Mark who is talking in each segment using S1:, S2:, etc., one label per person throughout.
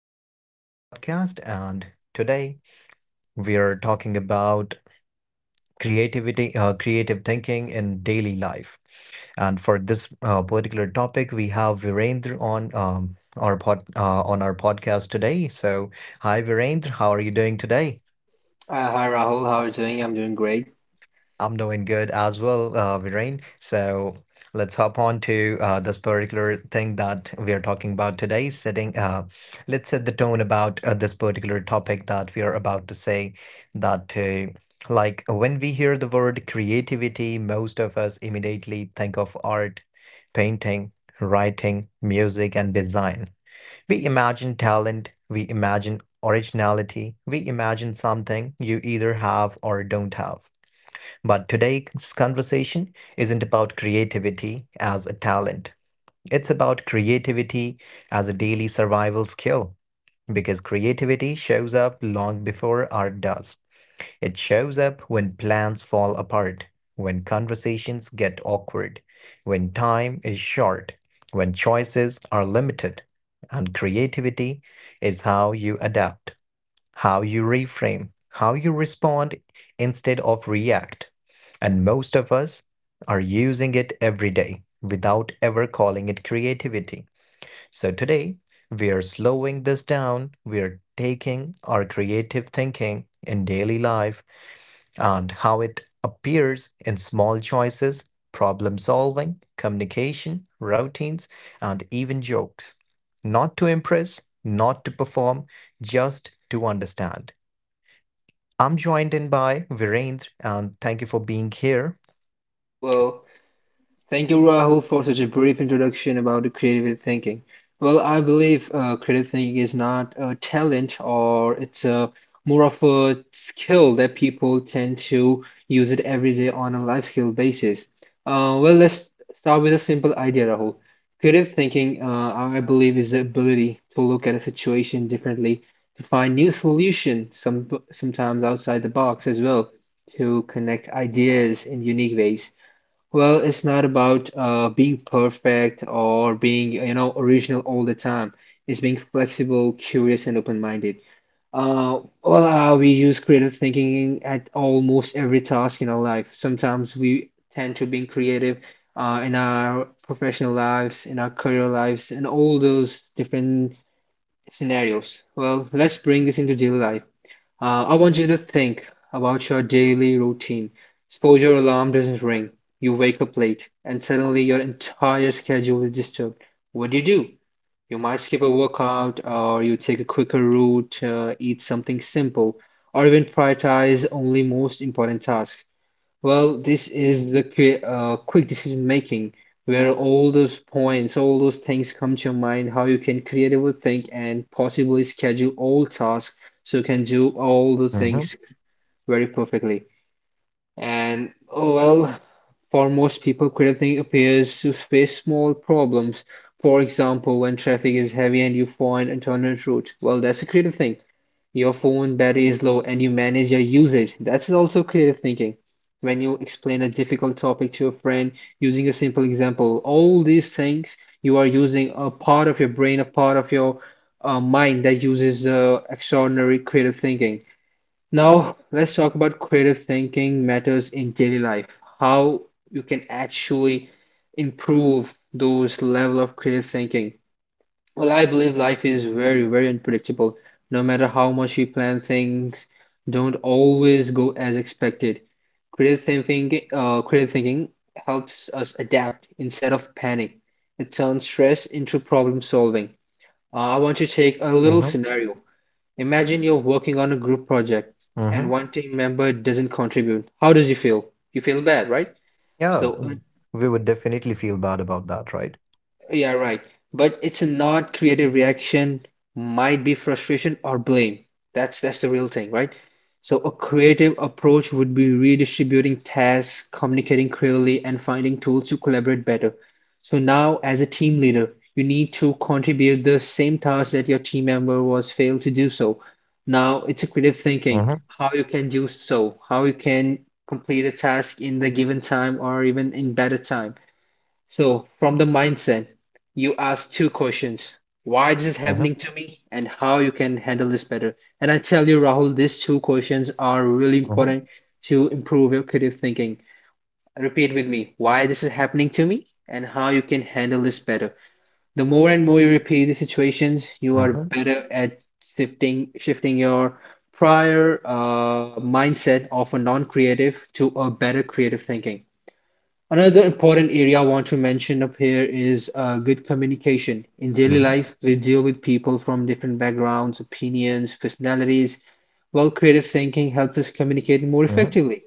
S1: to our another podcast. And today we are talking about creativity, creative thinking in daily life. And for this particular topic, we have Virendra on our on our podcast today. So, hi, Virendra, how are you doing today?
S2: Hi Rahul, how are you doing? I'm doing great.
S1: I'm doing good as well, Viren. So let's hop on to this particular thing that we are talking about today. Let's set the tone about this particular topic that we are about to say. That, uh, like, when we hear the word creativity, most of us immediately think of art, painting, writing, music, and design. We imagine talent, we imagine originality, we imagine something you either have or don't have. But today's conversation isn't about creativity as a talent. It's about creativity as a daily survival skill. Because creativity shows up long before art does. It shows up when plans fall apart, when conversations get awkward, when time is short, when choices are limited. And creativity is how you adapt, how you reframe, how you respond instead of react. And most of us are using it every day without ever calling it creativity. So today, we are slowing this down. We are taking our creative thinking in daily life and how it appears in small choices, problem solving, communication, routines, and even jokes. Not to impress, not to perform, just to understand. I'm joined in by Virendra, and thank you for being here.
S2: Well, Thank you, Rahul, for such a brief introduction about the creative thinking. Well, I believe creative thinking is not a talent, or it's a more of a skill that people tend to use it every day on a life skill basis. Let's start with a simple idea, Rahul. Creative thinking, I believe, is the ability to look at a situation differently, to find new solutions, sometimes outside the box as well, to connect ideas in unique ways. Well, it's not about being perfect or being, you know, original all the time. It's being flexible, curious, and open-minded. We use creative thinking at almost every task in our life. Sometimes we tend to being creative in our professional lives, in our career lives, and all those different scenarios. Well, let's bring this into daily life. I want you to think about your daily routine. Suppose your alarm doesn't ring, you wake up late, and suddenly your entire schedule is disturbed. What do? You might skip a workout, or you take a quicker route, eat something simple, or even prioritize only most important tasks. Well, this is the quick decision making, where all those points, all those things come to your mind, how you can creatively think and possibly schedule all tasks so you can do all the
S1: Hmm.
S2: things very perfectly. And for most people, creative thinking appears to face small problems. For example, when traffic is heavy and you find alternate route, well, that's a creative thinking. Your phone battery is low and you manage your usage. That's also creative thinking. When you explain a difficult topic to a friend using a simple example, all these things, you are using a part of your brain, a part of your mind that uses extraordinary creative thinking. Now, let's talk about creative thinking matters in daily life. How you can actually improve those level of creative thinking. Well, I believe life is very, very unpredictable. No matter how much we plan, things don't always go as expected. Creative thinking helps us adapt instead of panic. It turns stress into problem solving. I want to take a little
S1: Hmm.
S2: scenario. Imagine you're working on a group project
S1: Hmm.
S2: and one team member doesn't contribute. How does you feel? You feel bad, right?
S1: Yeah,
S2: So uh,
S1: we would definitely feel bad about that, right?
S2: Yeah, right. But it's a not creative reaction, might be frustration or blame. That's the real thing, right? So a creative approach would be redistributing tasks, communicating clearly, and finding tools to collaborate better. So now, as a team leader, you need to contribute the same task that your team member was failed to do so. Now it's a creative thinking,
S1: Hmm.
S2: how you can do so, how you can complete a task in the given time or even in better time. So, from the mindset, you ask two questions. Why is this happening to me, and how you can handle this better? And I tell you, Rahul, these two questions are really
S1: Hmm.
S2: important to improve your creative thinking. Repeat with me, why this is happening to me and how you can handle this better. The more and more you repeat the situations, you are better at shifting your prior mindset of a non-creative to a better creative thinking. Another important area I want to mention up here is good communication. In daily life, we deal with people from different backgrounds, opinions, personalities. While creative thinking helps us communicate more effectively.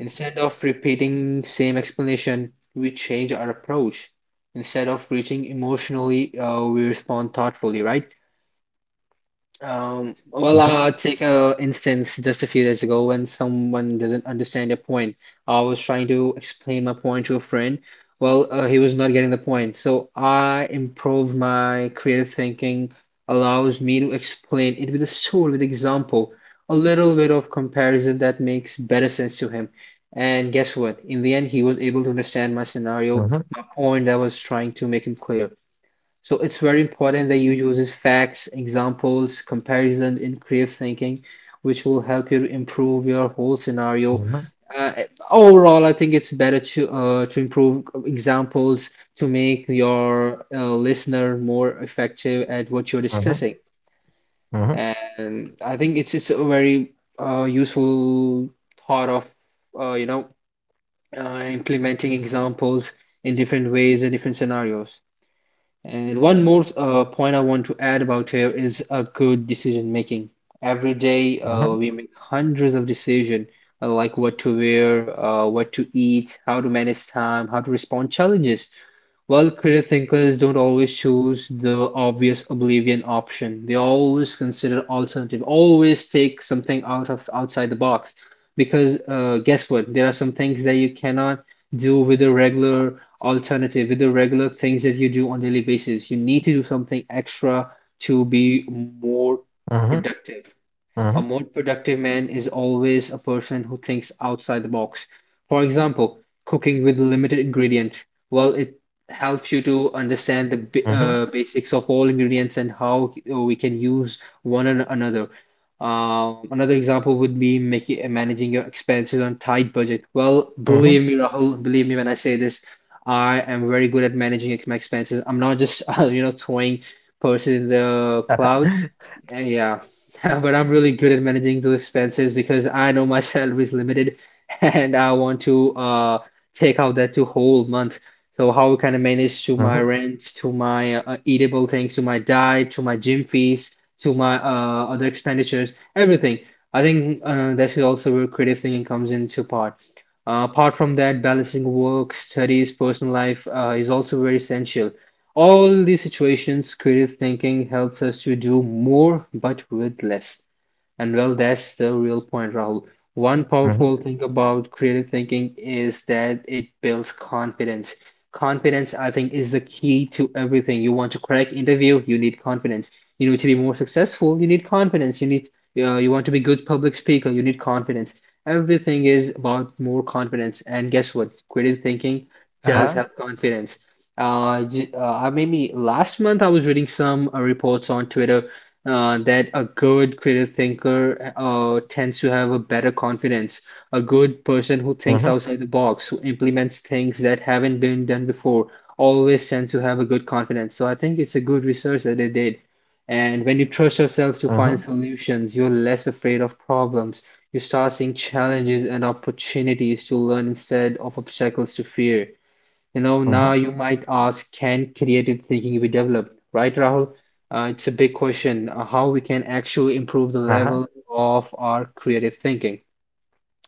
S2: Instead of repeating same explanation, we change our approach. Instead of reaching emotionally, we respond thoughtfully, right? Take a instance just a few days ago when someone doesn't understand your point. I was trying to explain my point to a friend. He was not getting the point. So I improved my creative thinking, allows me to explain it with a story, with example, a little bit of comparison that makes better sense to him. And guess what? In the end, he was able to understand my scenario, my point that I was trying to make him clear. So it's very important that you use facts, examples, comparison in creative thinking, which will help you to improve your whole scenario. Uh, overall, I think it's better to improve examples to make your listener more effective at what you're discussing. And I think it's a very useful thought of uh, you know implementing examples in different ways and different scenarios. And one more point I want to add about here is a good decision making. Every day, we make hundreds of decisions, like what to wear, what to eat, how to manage time, how to respond challenges. Well, creative thinkers don't always choose the obvious oblivion option. They always consider alternative, always take something out of outside the box. Because guess what? There are some things that you cannot do with a regular alternative, with the regular things that you do on daily basis. You need to do something extra to be more productive. A more productive man is always a person who thinks outside the box. For example, cooking with limited ingredient. Well, it helps you to understand the basics of all ingredients and how we can use one another. Another example would be making managing your expenses on tight budget. Well, believe me, Rahul, believe me when I say this, I am very good at managing my expenses. I'm not just you know throwing purses in the cloud. Yeah. But I'm really good at managing those expenses because I know my salary is limited and I want to take out that to whole month. So how can I manage to my rent, to my eatable things, to my diet, to my gym fees, to my other expenditures, everything. I think that is also where creative thinking comes into part. Apart from that, balancing work, studies, personal life is also very essential. All these situations, creative thinking helps us to do more but with less. And well, that's the real point, Rahul. One powerful thing about creative thinking is that it builds confidence. Confidence, I think, is the key to everything. You want to crack interview, you need confidence. You need to be more successful, you need confidence. You want to be good public speaker, you need confidence. Everything is about more confidence. And guess what? Creative thinking does have confidence. Maybe last month I was reading some reports on Twitter that a good creative thinker tends to have a better confidence. A good person who thinks outside the box, who implements things that haven't been done before, always tends to have a good confidence. So I think it's a good research that they did. And when you trust yourself to find solutions, you're less afraid of problems. You start seeing challenges and opportunities to learn instead of obstacles to fear. You know, now you might ask, can creative thinking be developed? Right, Rahul? It's a big question, how we can actually improve the level of our creative thinking.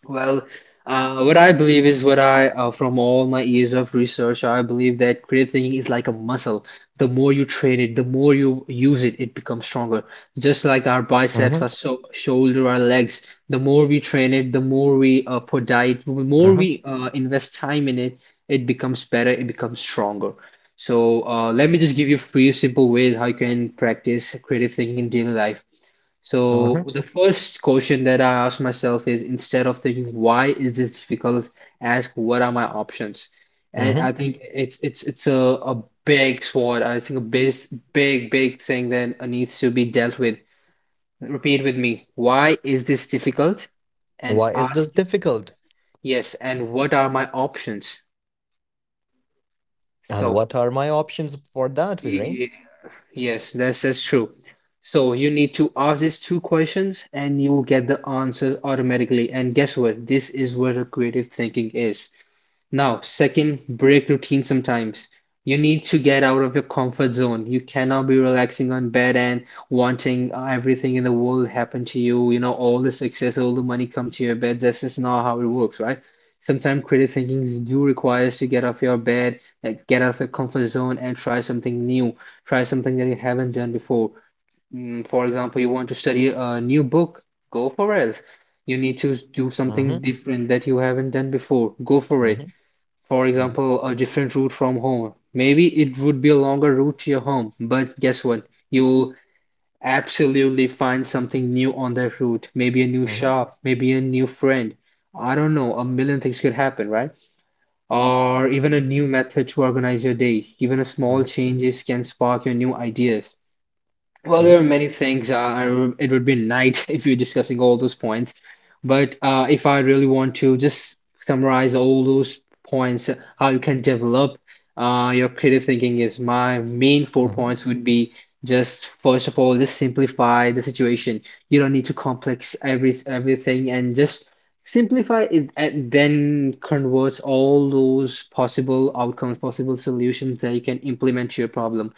S2: Well, what I believe is from all my years of research, I believe that creative thinking is like a muscle. The more you train it, the more you use it, it becomes stronger. Just like our biceps, our shoulder, our legs, the more we train it, the more we put diet, the more we invest time in it, it becomes better, it becomes stronger. So let me just give you a few simple ways how you can practice creative thinking in daily life. So the first question that I ask myself is instead of thinking why is this difficult, ask what are my options? And I think it's a big sword. I think a big thing that needs to be dealt with. Repeat with me. Why is this difficult? And ask yes, and what are my options? So Ye- yes, that's true. So you need to ask these two questions and you will get the answer automatically. And guess what? This is what creative thinking is. Now, second, break routine sometimes. You need to get out of your comfort zone. You cannot be relaxing on bed and wanting everything in the world happen to you, you know, all the success, all the money come to your bed. That's just not how it works, right? Sometimes creative thinking do requires to get off your bed, like get out of your comfort zone and try something new, try something that you haven't done before. For example, you want to study a new book, go for it. You need to do something different that you haven't done before, go for it, for example, a different route from home. Maybe it would be a longer route to your home, but guess what? You'll absolutely find something new on that route. Maybe a new shop, maybe a new friend. I don't know, a million things could happen, right? Or even a new method to organize your day. Even a small changes can spark your new ideas. Well, there are many things. It would be night if you're discussing all those points. But if I really want to just summarize all those points, how you can develop your creative thinking is my main four points would be just, first of all, just simplify the situation. You don't need to complex everything and just simplify it and then converts all those possible outcomes, possible solutions that you can implement to your problem.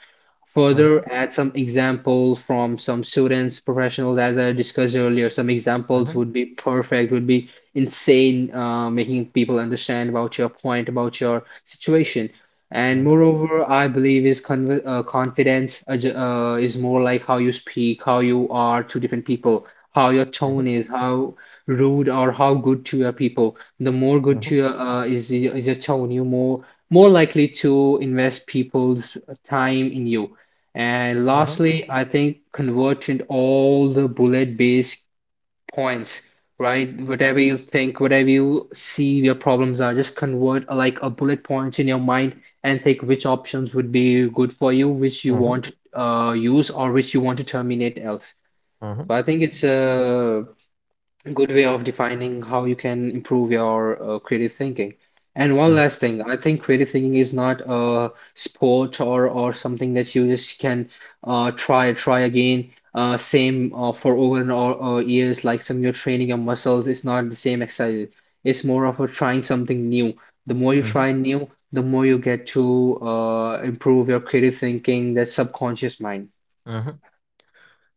S2: Further, add some example from some students, professionals, as I discussed earlier. Some examples would be perfect, would be insane, making people understand about your point, about your situation. And moreover, I believe is confidence is more like how you speak, how you are to different people, how your tone is, how rude or how good to your people. The more good to your is your tone, you more likely to invest people's time in you. And lastly, I think convergent all the bullet-based points, right? Whatever you think, whatever you see your problems are, just convert like a bullet points in your mind and think which options would be good for you, which you want to use, or which you want to terminate else. So I think it's good way of defining how you can improve your creative thinking. And one last thing, I think creative thinking is not a sport or something that you just can try again, same for over and over years. Like some you're training your muscles, it's not the same exercise. It's more of a trying something new. The more you try new, the more you get to improve your creative thinking, that subconscious mind.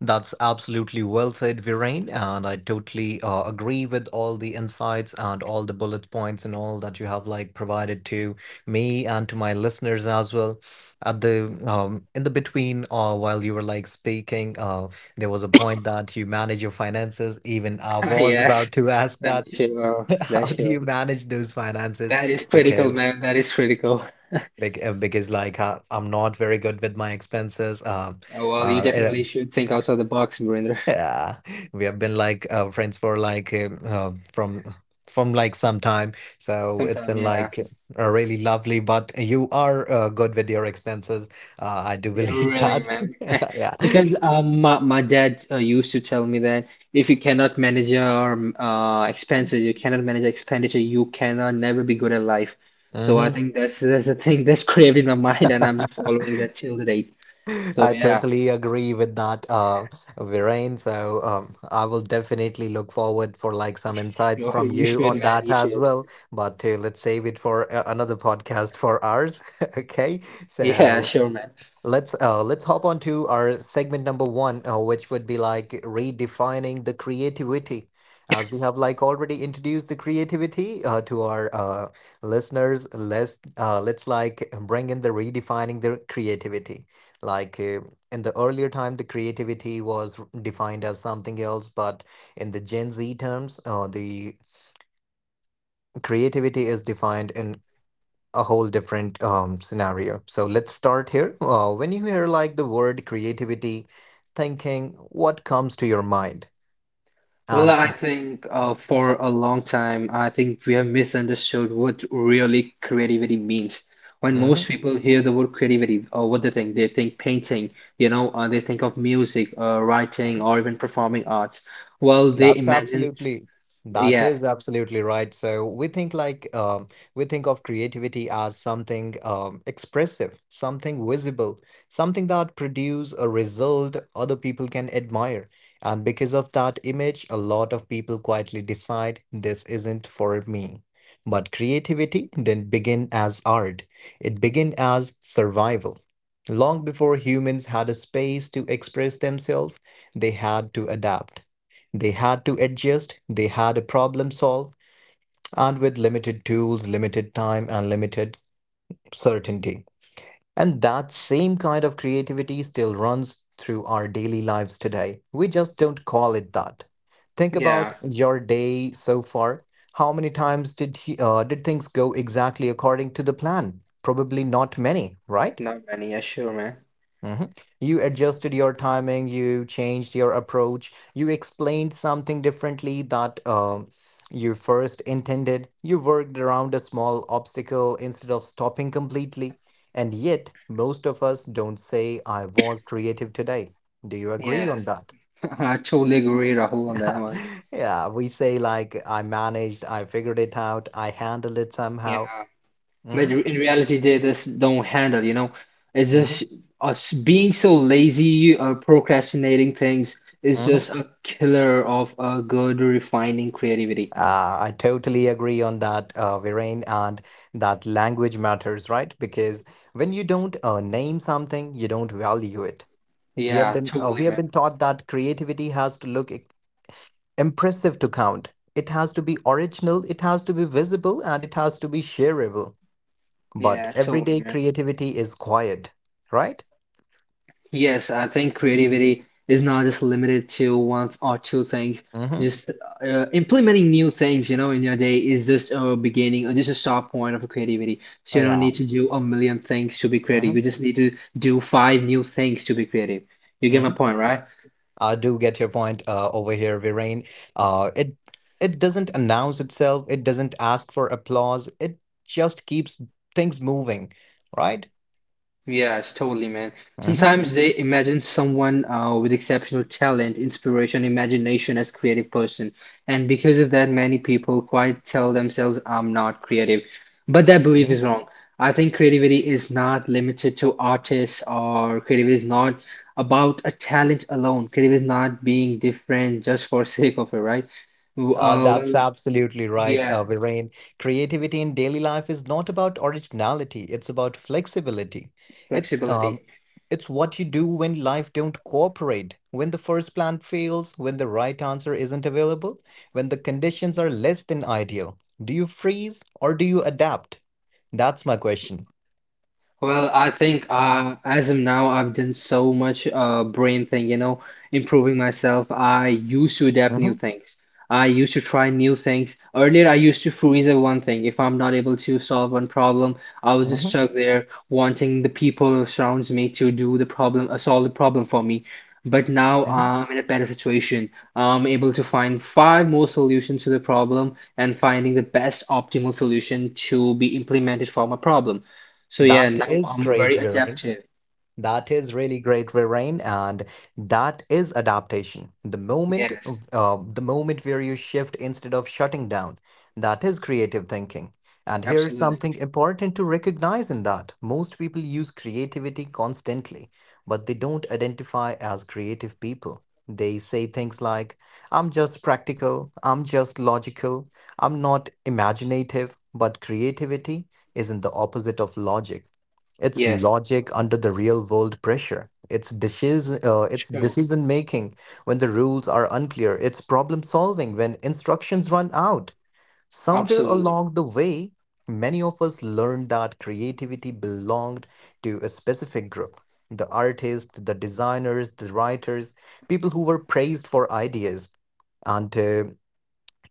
S1: That's absolutely well said, Viren, and I totally agree with all the insights and all the bullet points and all that you have like provided to me and to my listeners as well. At the in the between, while you were like speaking, there was a point that you manage your finances. Even I was
S2: Yes,
S1: about to ask
S2: that's
S1: that.
S2: sure.
S1: How
S2: That's
S1: do
S2: sure.
S1: you manage those finances?
S2: That is critical,
S1: Because
S2: man. That is critical.
S1: because like I'm not very good with my expenses.
S2: Oh, well, you
S1: Uh, uh,
S2: definitely should think outside the box, Marinder.
S1: yeah, we have been like friends for like from like some time, so it's
S2: Sometime,
S1: been
S2: yeah.
S1: like really lovely. But you are good with your expenses. I do
S2: Yeah,
S1: believe
S2: really,
S1: that.
S2: man.
S1: Yeah.
S2: Because my dad used to tell me that if you cannot manage your expenses, you cannot manage expenditure, you cannot never be good at life. So I
S1: Hmm.
S2: think that's the thing that's craved in my mind, and I'm just following that till the date. So
S1: I
S2: yeah,
S1: totally agree with that, Viren. So I will definitely look forward for like some insights
S2: sure,
S1: from
S2: you
S1: you
S2: should,
S1: on
S2: man.
S1: that
S2: You
S1: as
S2: should.
S1: well. But let's save it for another podcast for ours. Okay,
S2: Yeah,
S1: so.
S2: sure, man.
S1: Let's hop on to our segment number one, which would be like redefining the creativity. As we have like already introduced the creativity to our listeners, let's like bring in the redefining the creativity. Like in the earlier time, the creativity was defined as something else, but in the Gen Z terms, the creativity is defined in a whole different scenario. So let's start here. When you hear like the word creativity, thinking, what comes to your mind?
S2: Well,
S1: And
S2: I think for a long time, I think we have misunderstood what really creativity means. When most
S1: mhm.
S2: people hear the word creativity, what they think? They think painting, you know, they think of music, writing, or even performing arts. Well, they
S1: That's
S2: imagine,
S1: absolutely that
S2: yeah,
S1: is absolutely right. So we think like we think of creativity as something expressive, something visible, something that produce a result other people can admire. And because of that image, a lot of people quietly decide this isn't for me. But creativity didn't begin as art. It began as survival. Long before humans had a space to express themselves, they had to adapt. They had to adjust, they had a problem solve, and with limited tools, limited time, and limited certainty. And that same kind of creativity still runs through our daily lives today. We just don't call it that. Think about
S2: yeah,
S1: your day so far. How many times did he, Did things go exactly according to the plan? Probably not many, right?
S2: not many, yeah, sure, man.
S1: Hmm. You adjusted your timing, you changed your approach, you explained something differently that you first intended, you worked around a small obstacle instead of stopping completely. And yet, most of us don't say, I was creative today. Do you agree
S2: Yes,
S1: on that?
S2: I totally agree, Rahul, on that one.
S1: Yeah, we say, like, I managed, I figured it out, I handled it
S2: Yeah.
S1: somehow. Hmm.
S2: But in reality, they just don't handle, you know. It's just us being so lazy or procrastinating things is
S1: Hmm.
S2: just a killer of a good refining creativity.
S1: I totally agree on that, Viren, and that language matters, right? Because when you don't name something, you don't value it.
S2: Yeah, totally,
S1: We have
S2: man.
S1: been taught that creativity has to impressive to count. It has to be original, it has to be visible, and it has to be shareable. But
S2: Yeah, totally,
S1: everyday
S2: man.
S1: creativity is quiet, right?
S2: Yes, I think creativity is not just limited to one or two things.
S1: Mm-hmm.
S2: Just implementing new things, you know, in your day is just a beginning or just a start point of creativity. So
S1: Oh,
S2: you don't
S1: yeah.
S2: need to do a million things to be creative.
S1: Mm-hmm.
S2: You just need to do five new things to be creative. You get my point, right?
S1: I do get your point over here, Viren. Uh, it it doesn't announce itself. It doesn't ask for applause. It just keeps things moving, right?
S2: Yes, totally, man.
S1: Hmm.
S2: Sometimes they imagine someone with exceptional talent, inspiration, imagination as creative person, and because of that, many people quite tell themselves, "I'm not creative," but that belief is wrong. I think creativity is not limited to artists, or creativity is not about a talent alone. Creativity is not being different just for sake of it, right? Uh,
S1: That's
S2: well,
S1: absolutely right,
S2: yeah,
S1: Viren. Creativity in daily life is not about originality. It's about flexibility. It's um,
S2: flexibility.
S1: It's what you do when life don't cooperate, when the first plan fails, when the right answer isn't available, when the conditions are less than ideal. Do you freeze or do you adapt? That's my question.
S2: Well, I think as of now, I've done so much brain thing, you know, improving myself. I used to adapt new
S1: Mhm,
S2: things. I used to try new things. Earlier, I used to freeze at one thing. If I'm not able to solve one problem, I was just
S1: mhm,
S2: stuck there, wanting the people who surrounds me to do the problem, solve the problem for me. But now
S1: mhm.
S2: I'm in a better situation. I'm able to find five more solutions to the problem and finding the best optimal solution to be implemented for my problem. So yeah,
S1: That
S2: now
S1: is
S2: I'm
S1: great,
S2: very
S1: Viren.
S2: adaptive.
S1: That is really great, Rain, and that is adaptation.
S2: Yes,
S1: The moment where you shift instead of shutting down, that is creative thinking. And here's
S2: absolutely.
S1: something important to recognize in that most people use creativity constantly, but they don't identify as creative people. They say things like, I'm just practical, I'm just logical, I'm not imaginative, but creativity isn't the opposite of logic. It's
S2: Yes,
S1: logic under the real world pressure. It's
S2: true.
S1: decision making when the rules are unclear. It's problem solving when instructions run out. Somewhere
S2: Absolutely.
S1: along the way, many of us learned that creativity belonged to a specific group. The artists, the designers, the writers, people who were praised for ideas. And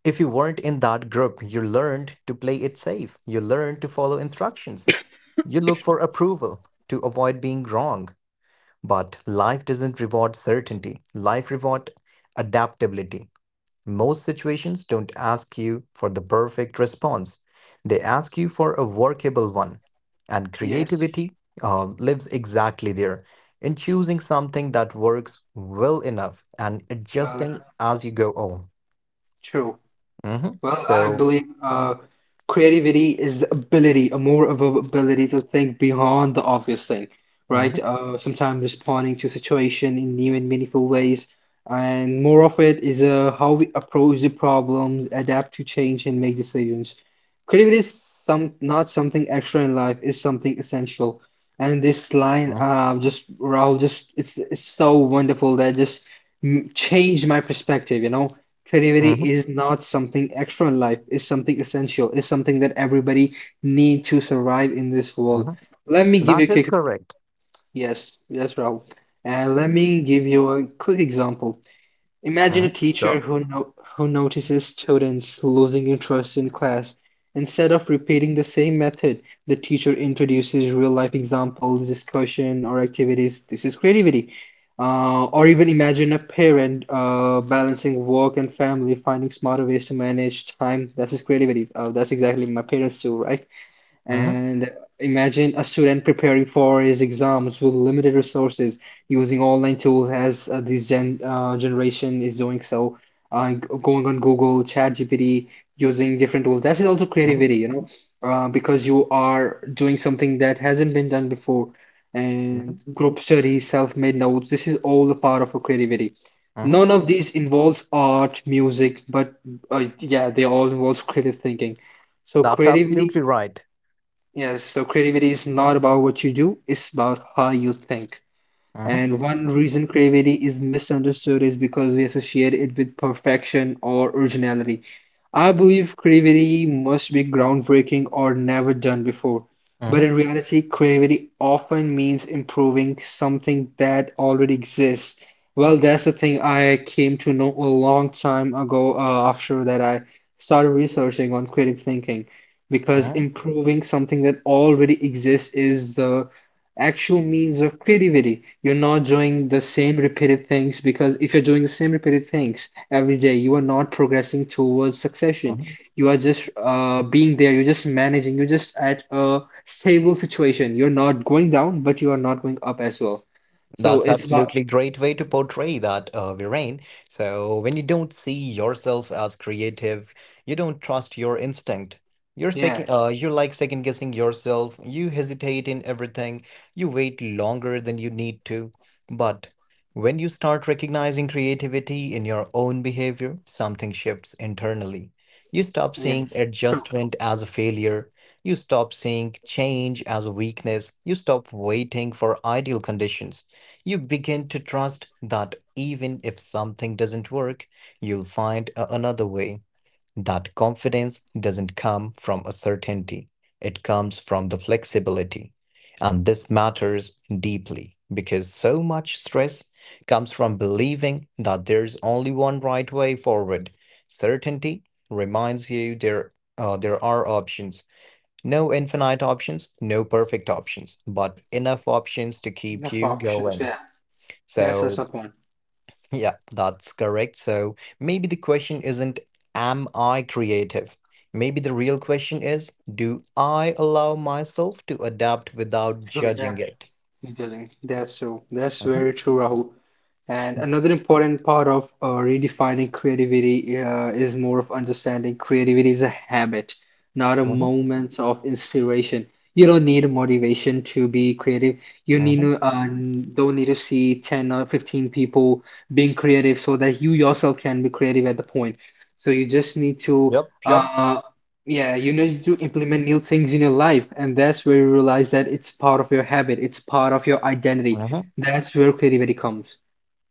S1: if you weren't in that group, you learned to play it safe. You learned to follow instructions, you look for approval to avoid being wrong, but life doesn't reward certainty. Life rewards adaptability. Most situations don't ask you for the perfect response. They ask you for a workable one. And
S2: Yes,
S1: creativity lives exactly there, in choosing something that works well enough and
S2: well
S1: adjusting
S2: enough.
S1: as you go on.
S2: True.
S1: Mhm.
S2: Well, I
S1: So,
S2: believe creativity is the ability, a more of a ability to think beyond the obvious thing, right?
S1: mhm,
S2: Sometimes responding to situation in new and meaningful ways, and more of it is how we approach the problems, adapt to change, and make decisions. Creativity is some not something extra in life; is something essential. And this line,
S1: mhm,
S2: just Rahul, just it's so wonderful that just changed my perspective, you know. Creativity
S1: mhm,
S2: is not something extra in life, it's something essential, it's something that everybody need to survive in this world.
S1: mhm.
S2: Let me give you
S1: That
S2: a
S1: is
S2: quick
S1: correct.
S2: yes, yes, Rahul. And let me give you a quick example. Imagine a
S1: Mhm.
S2: teacher
S1: So,
S2: who no- who notices students losing interest in class. Instead of repeating the same method, the teacher introduces real-life examples, discussion, or activities. This is creativity. Or even imagine a parent balancing work and family, finding smarter ways to manage time. That is creativity. That's exactly my parents too, right?
S1: mhm,
S2: And imagine a student preparing for his exams with limited resources, using online tools as this generation is doing so, going on Google, ChatGPT, using different tools. That is also
S1: mhm,
S2: creativity, you know, because you are doing something that hasn't been done before. And
S1: mhm.
S2: group studies, self-made notes, this is all a part of a creativity.
S1: Mhm.
S2: None of these involves art, music, but yeah, they all involve creative thinking. So
S1: That's absolutely
S2: creativity
S1: right.
S2: yes, so creativity is not about what you do, it's about how you think.
S1: Hmm.
S2: And one reason creativity is misunderstood is because we associate it with perfection or originality. I believe creativity must be groundbreaking or never done before. But
S1: Hmm.
S2: in reality, creativity often means improving something that already exists. Well, that's the thing I came to know a long time ago after that I started researching on creative thinking because
S1: Hmm.
S2: improving something that already exists is the actual means of creativity. You're not doing the same repeated things because if you're doing the same repeated things every day, you are not progressing towards succession.
S1: Hmm.
S2: You are just being there, you're just managing, you're just at a stable situation. You're not going down, but you are not going up as well. So
S1: That's
S2: it's about,
S1: absolutely great way to portray that, Viren. So when you don't see yourself as creative, you don't trust your instinct.
S2: yeah,
S1: You're like second guessing yourself. You hesitate in everything. You wait longer than you need to. But when you start recognizing creativity in your own behavior, something shifts internally. You stop seeing
S2: yes, true.
S1: adjustment as a failure. You stop seeing change as a weakness. You stop waiting for ideal conditions. You begin to trust that even if something doesn't work, you'll find another way. That confidence doesn't come from a certainty, it comes from the flexibility. And this matters deeply because so much stress comes from believing that there's only one right way forward. Certainty reminds you there are options. No infinite options, no perfect options, but enough options to keep
S2: Enough
S1: you
S2: options,
S1: going.
S2: yeah. That's
S1: So,
S2: also a point.
S1: yeah, that's correct. So maybe the question isn't, am I creative? Maybe the real question is, do I allow myself to adapt without
S2: Oh,
S1: judging it?
S2: definitely. He doesn't. That's true. That's
S1: Mhm,
S2: very true, Rahul. And another important part of redefining creativity is more of understanding creativity is a habit, not a
S1: mhm,
S2: moment of inspiration. You don't need a motivation to be creative. You need
S1: mhm.
S2: to, don't need to see 10 or 15 people being creative so that you yourself can be creative at the point. So you just need to
S1: Yep, yep.
S2: uh, yeah, you need to implement new things in your life, and that's where you realize that it's part of your habit, it's part of your identity. That's where creativity comes.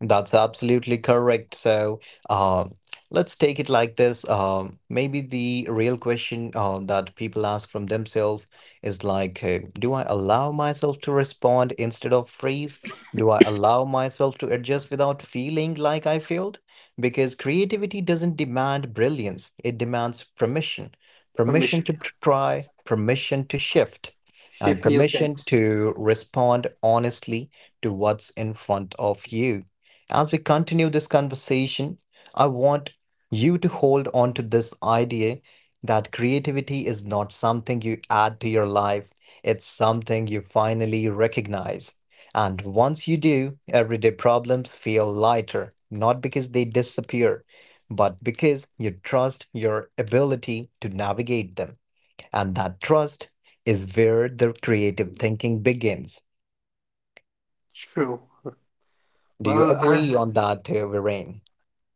S1: That's absolutely correct. So, um, let's take it like this. Maybe the real question that people ask from themselves is like, do I allow myself to respond instead of freeze? Do I allow myself to adjust without feeling like I failed? Because creativity doesn't demand brilliance, it demands permission.
S2: Permission. Yeah.
S1: Try, permission to shift, and
S2: Shift new
S1: permission
S2: things.
S1: to respond honestly to what's in front of you. As we continue this conversation, I want you to hold on to this idea that creativity is not something you add to your life, it's something you finally recognize. And once you do, everyday problems feel lighter, not because they disappear, but because you trust your ability to navigate them. And that trust is where the creative thinking begins.
S2: True.
S1: Do you
S2: Well,
S1: agree on
S2: I,
S1: that, Viren?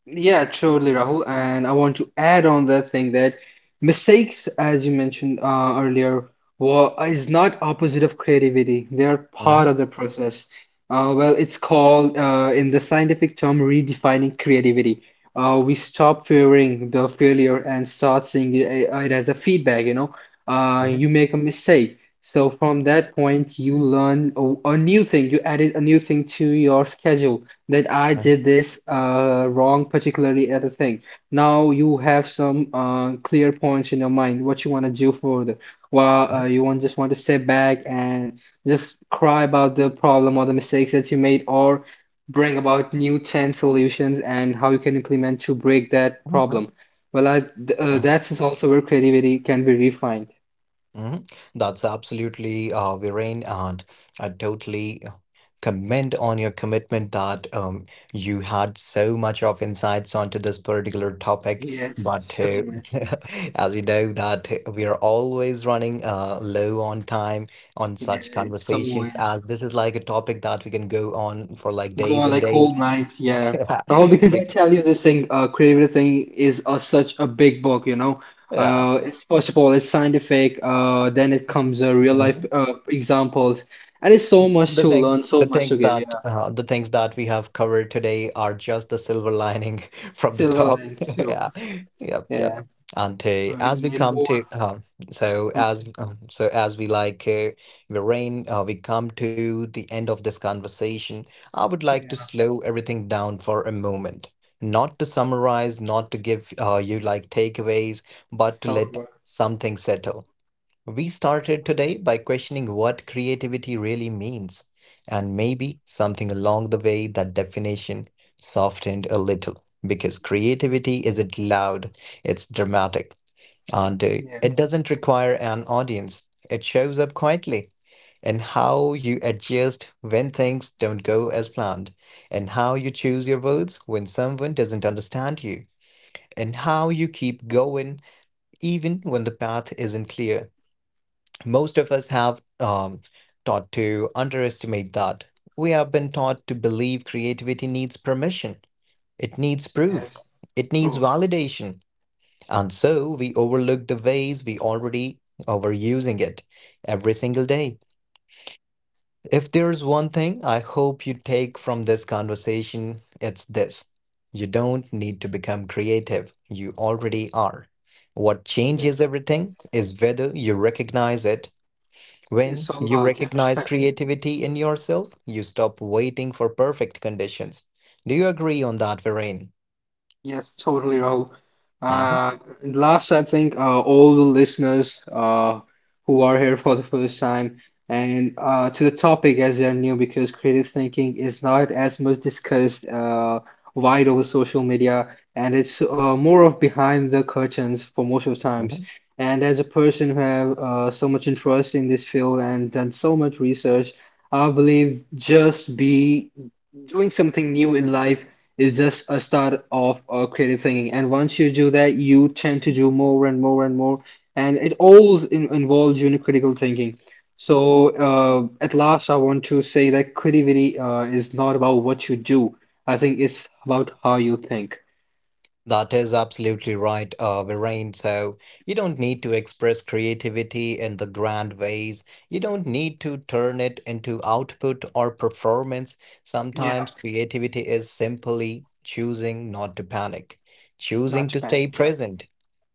S2: yeah, totally, Rahul. And I want to add on that thing that mistakes, as you mentioned earlier, is not opposite of creativity. They are part
S1: Mhm,
S2: of the process. It's called in the scientific term redefining creativity. We stop fearing the failure and start seeing it, it as a feedback. You know,
S1: mhm,
S2: you make a mistake, so from that point you learn a new thing. You added a new thing to your schedule. That I
S1: mhm,
S2: did this wrong, particularly at a thing. Now you have some clear points in your mind what you want to do further. Well,
S1: mhm,
S2: you want to step back and just cry about the problem or the mistakes that you made, or bring about new 10 solutions and how you can implement to break that
S1: mhm, mhm,
S2: problem.
S1: mhm,
S2: That's is also where creativity can be refined.
S1: mhm. That's absolutely Viren, and I totally commend on your commitment that you had so much of insights onto this particular topic.
S2: Yes,
S1: But
S2: sure, man.
S1: as you know, that we are always running low on time on
S2: Yeah,
S1: such
S2: it's
S1: conversations,
S2: always.
S1: as this is like a topic that we can go on for like
S2: Go
S1: days
S2: on,
S1: and
S2: like
S1: days.
S2: whole night, yeah.
S1: Yeah,
S2: Rahul, because I
S1: we-
S2: tell you this thing, creative thing is such a big book, you know.
S1: yeah.
S2: It's first of all, it's scientific. Then it comes real life
S1: Mhm.
S2: examples, and it's so much
S1: The
S2: to learn,
S1: things,
S2: so
S1: the
S2: much to
S1: things
S2: give.
S1: that,
S2: Yeah,
S1: uh, the things that we have covered today are just the silver lining from the
S2: silver
S1: top.
S2: lining too.
S1: Yeah, yep, yep.
S2: Yeah,
S1: And
S2: we
S1: as we
S2: need
S1: come
S2: more.
S1: to, so as we like, Lorraine, we come to the end of this conversation. I would like to
S2: Yeah,
S1: slow everything down for a moment, not to summarize, not to give you like takeaways, but to let
S2: however,
S1: something settle. We started today by questioning what creativity really means, and maybe something along the way that definition softened a little because creativity isn't loud, it's dramatic, and it
S2: yes,
S1: doesn't require an audience. It shows up quietly in how you adjust when things don't go as planned, and how you choose your words when someone doesn't understand you, and how you keep going even when the path isn't clear. Most of us have taught to underestimate that. We have been taught to believe creativity needs permission, it needs proof,
S2: yes,
S1: it needs
S2: proof,
S1: validation. And so we overlook the ways we already overusing it every single day. If there's one thing I hope you take from this conversation, it's this. You don't need to become creative. You already are. What changes
S2: yes.
S1: everything is whether you recognize it.
S2: It's
S1: When
S2: all
S1: you
S2: about yeah,
S1: recognize
S2: perspective.
S1: creativity in yourself, you stop waiting for perfect conditions. Do you agree on that, Varane?
S2: Yes, totally, Rahul.
S1: Hmm.
S2: Uh, and last, I think all the listeners who are here for the first time and to the topic as they are new, because creative thinking is not as much discussed wide over social media, and it's more of behind the curtains for most of the times.
S1: Hmm.
S2: And as a person who have so much interest in this field and done so much research, I believe just be doing something new in life is just a start of creative thinking. And once you do that, you tend to do more and more and more. And it all in involves you in critical thinking. So, at last, I want to say that creativity is not about what you do. I think it's about how you think.
S1: That is absolutely right, Viren. So you don't need to express creativity in the grand ways. You don't need to turn it into output or performance.
S2: Yeah,
S1: Sometimes creativity is simply choosing not to panic,
S2: not
S1: choosing
S2: to
S1: to stay
S2: panic. Yeah,
S1: present,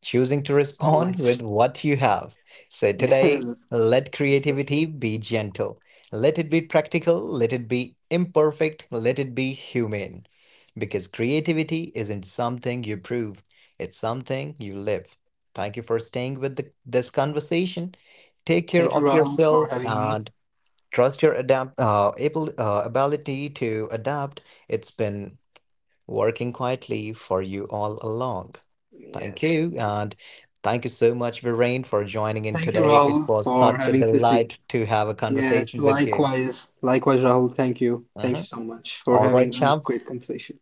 S1: choosing to respond with
S2: always.
S1: what you have. So today,
S2: Yeah.
S1: let
S2: So,
S1: creativity be gentle. Let it be practical. Let it be imperfect. Let it be human. Because creativity isn't something you prove, it's something you live. Thank you for staying with this conversation. Take care
S2: thank you,
S1: of
S2: Rahul, for
S1: yourself
S2: having me.
S1: and trust your ability to adapt. It's been working quietly for you all along.
S2: Yes.
S1: Thank you. And thank you so much, Viren, for joining in
S2: Thank you,
S1: today. It
S2: Rahul,
S1: was
S2: for
S1: such a
S2: having such a
S1: delight to have a
S2: yes,
S1: conversation with you.
S2: likewise. Likewise, Rahul. Thank you. Thank you
S1: Mhm.
S2: so much for
S1: All right,
S2: having a
S1: champ.
S2: great conversation.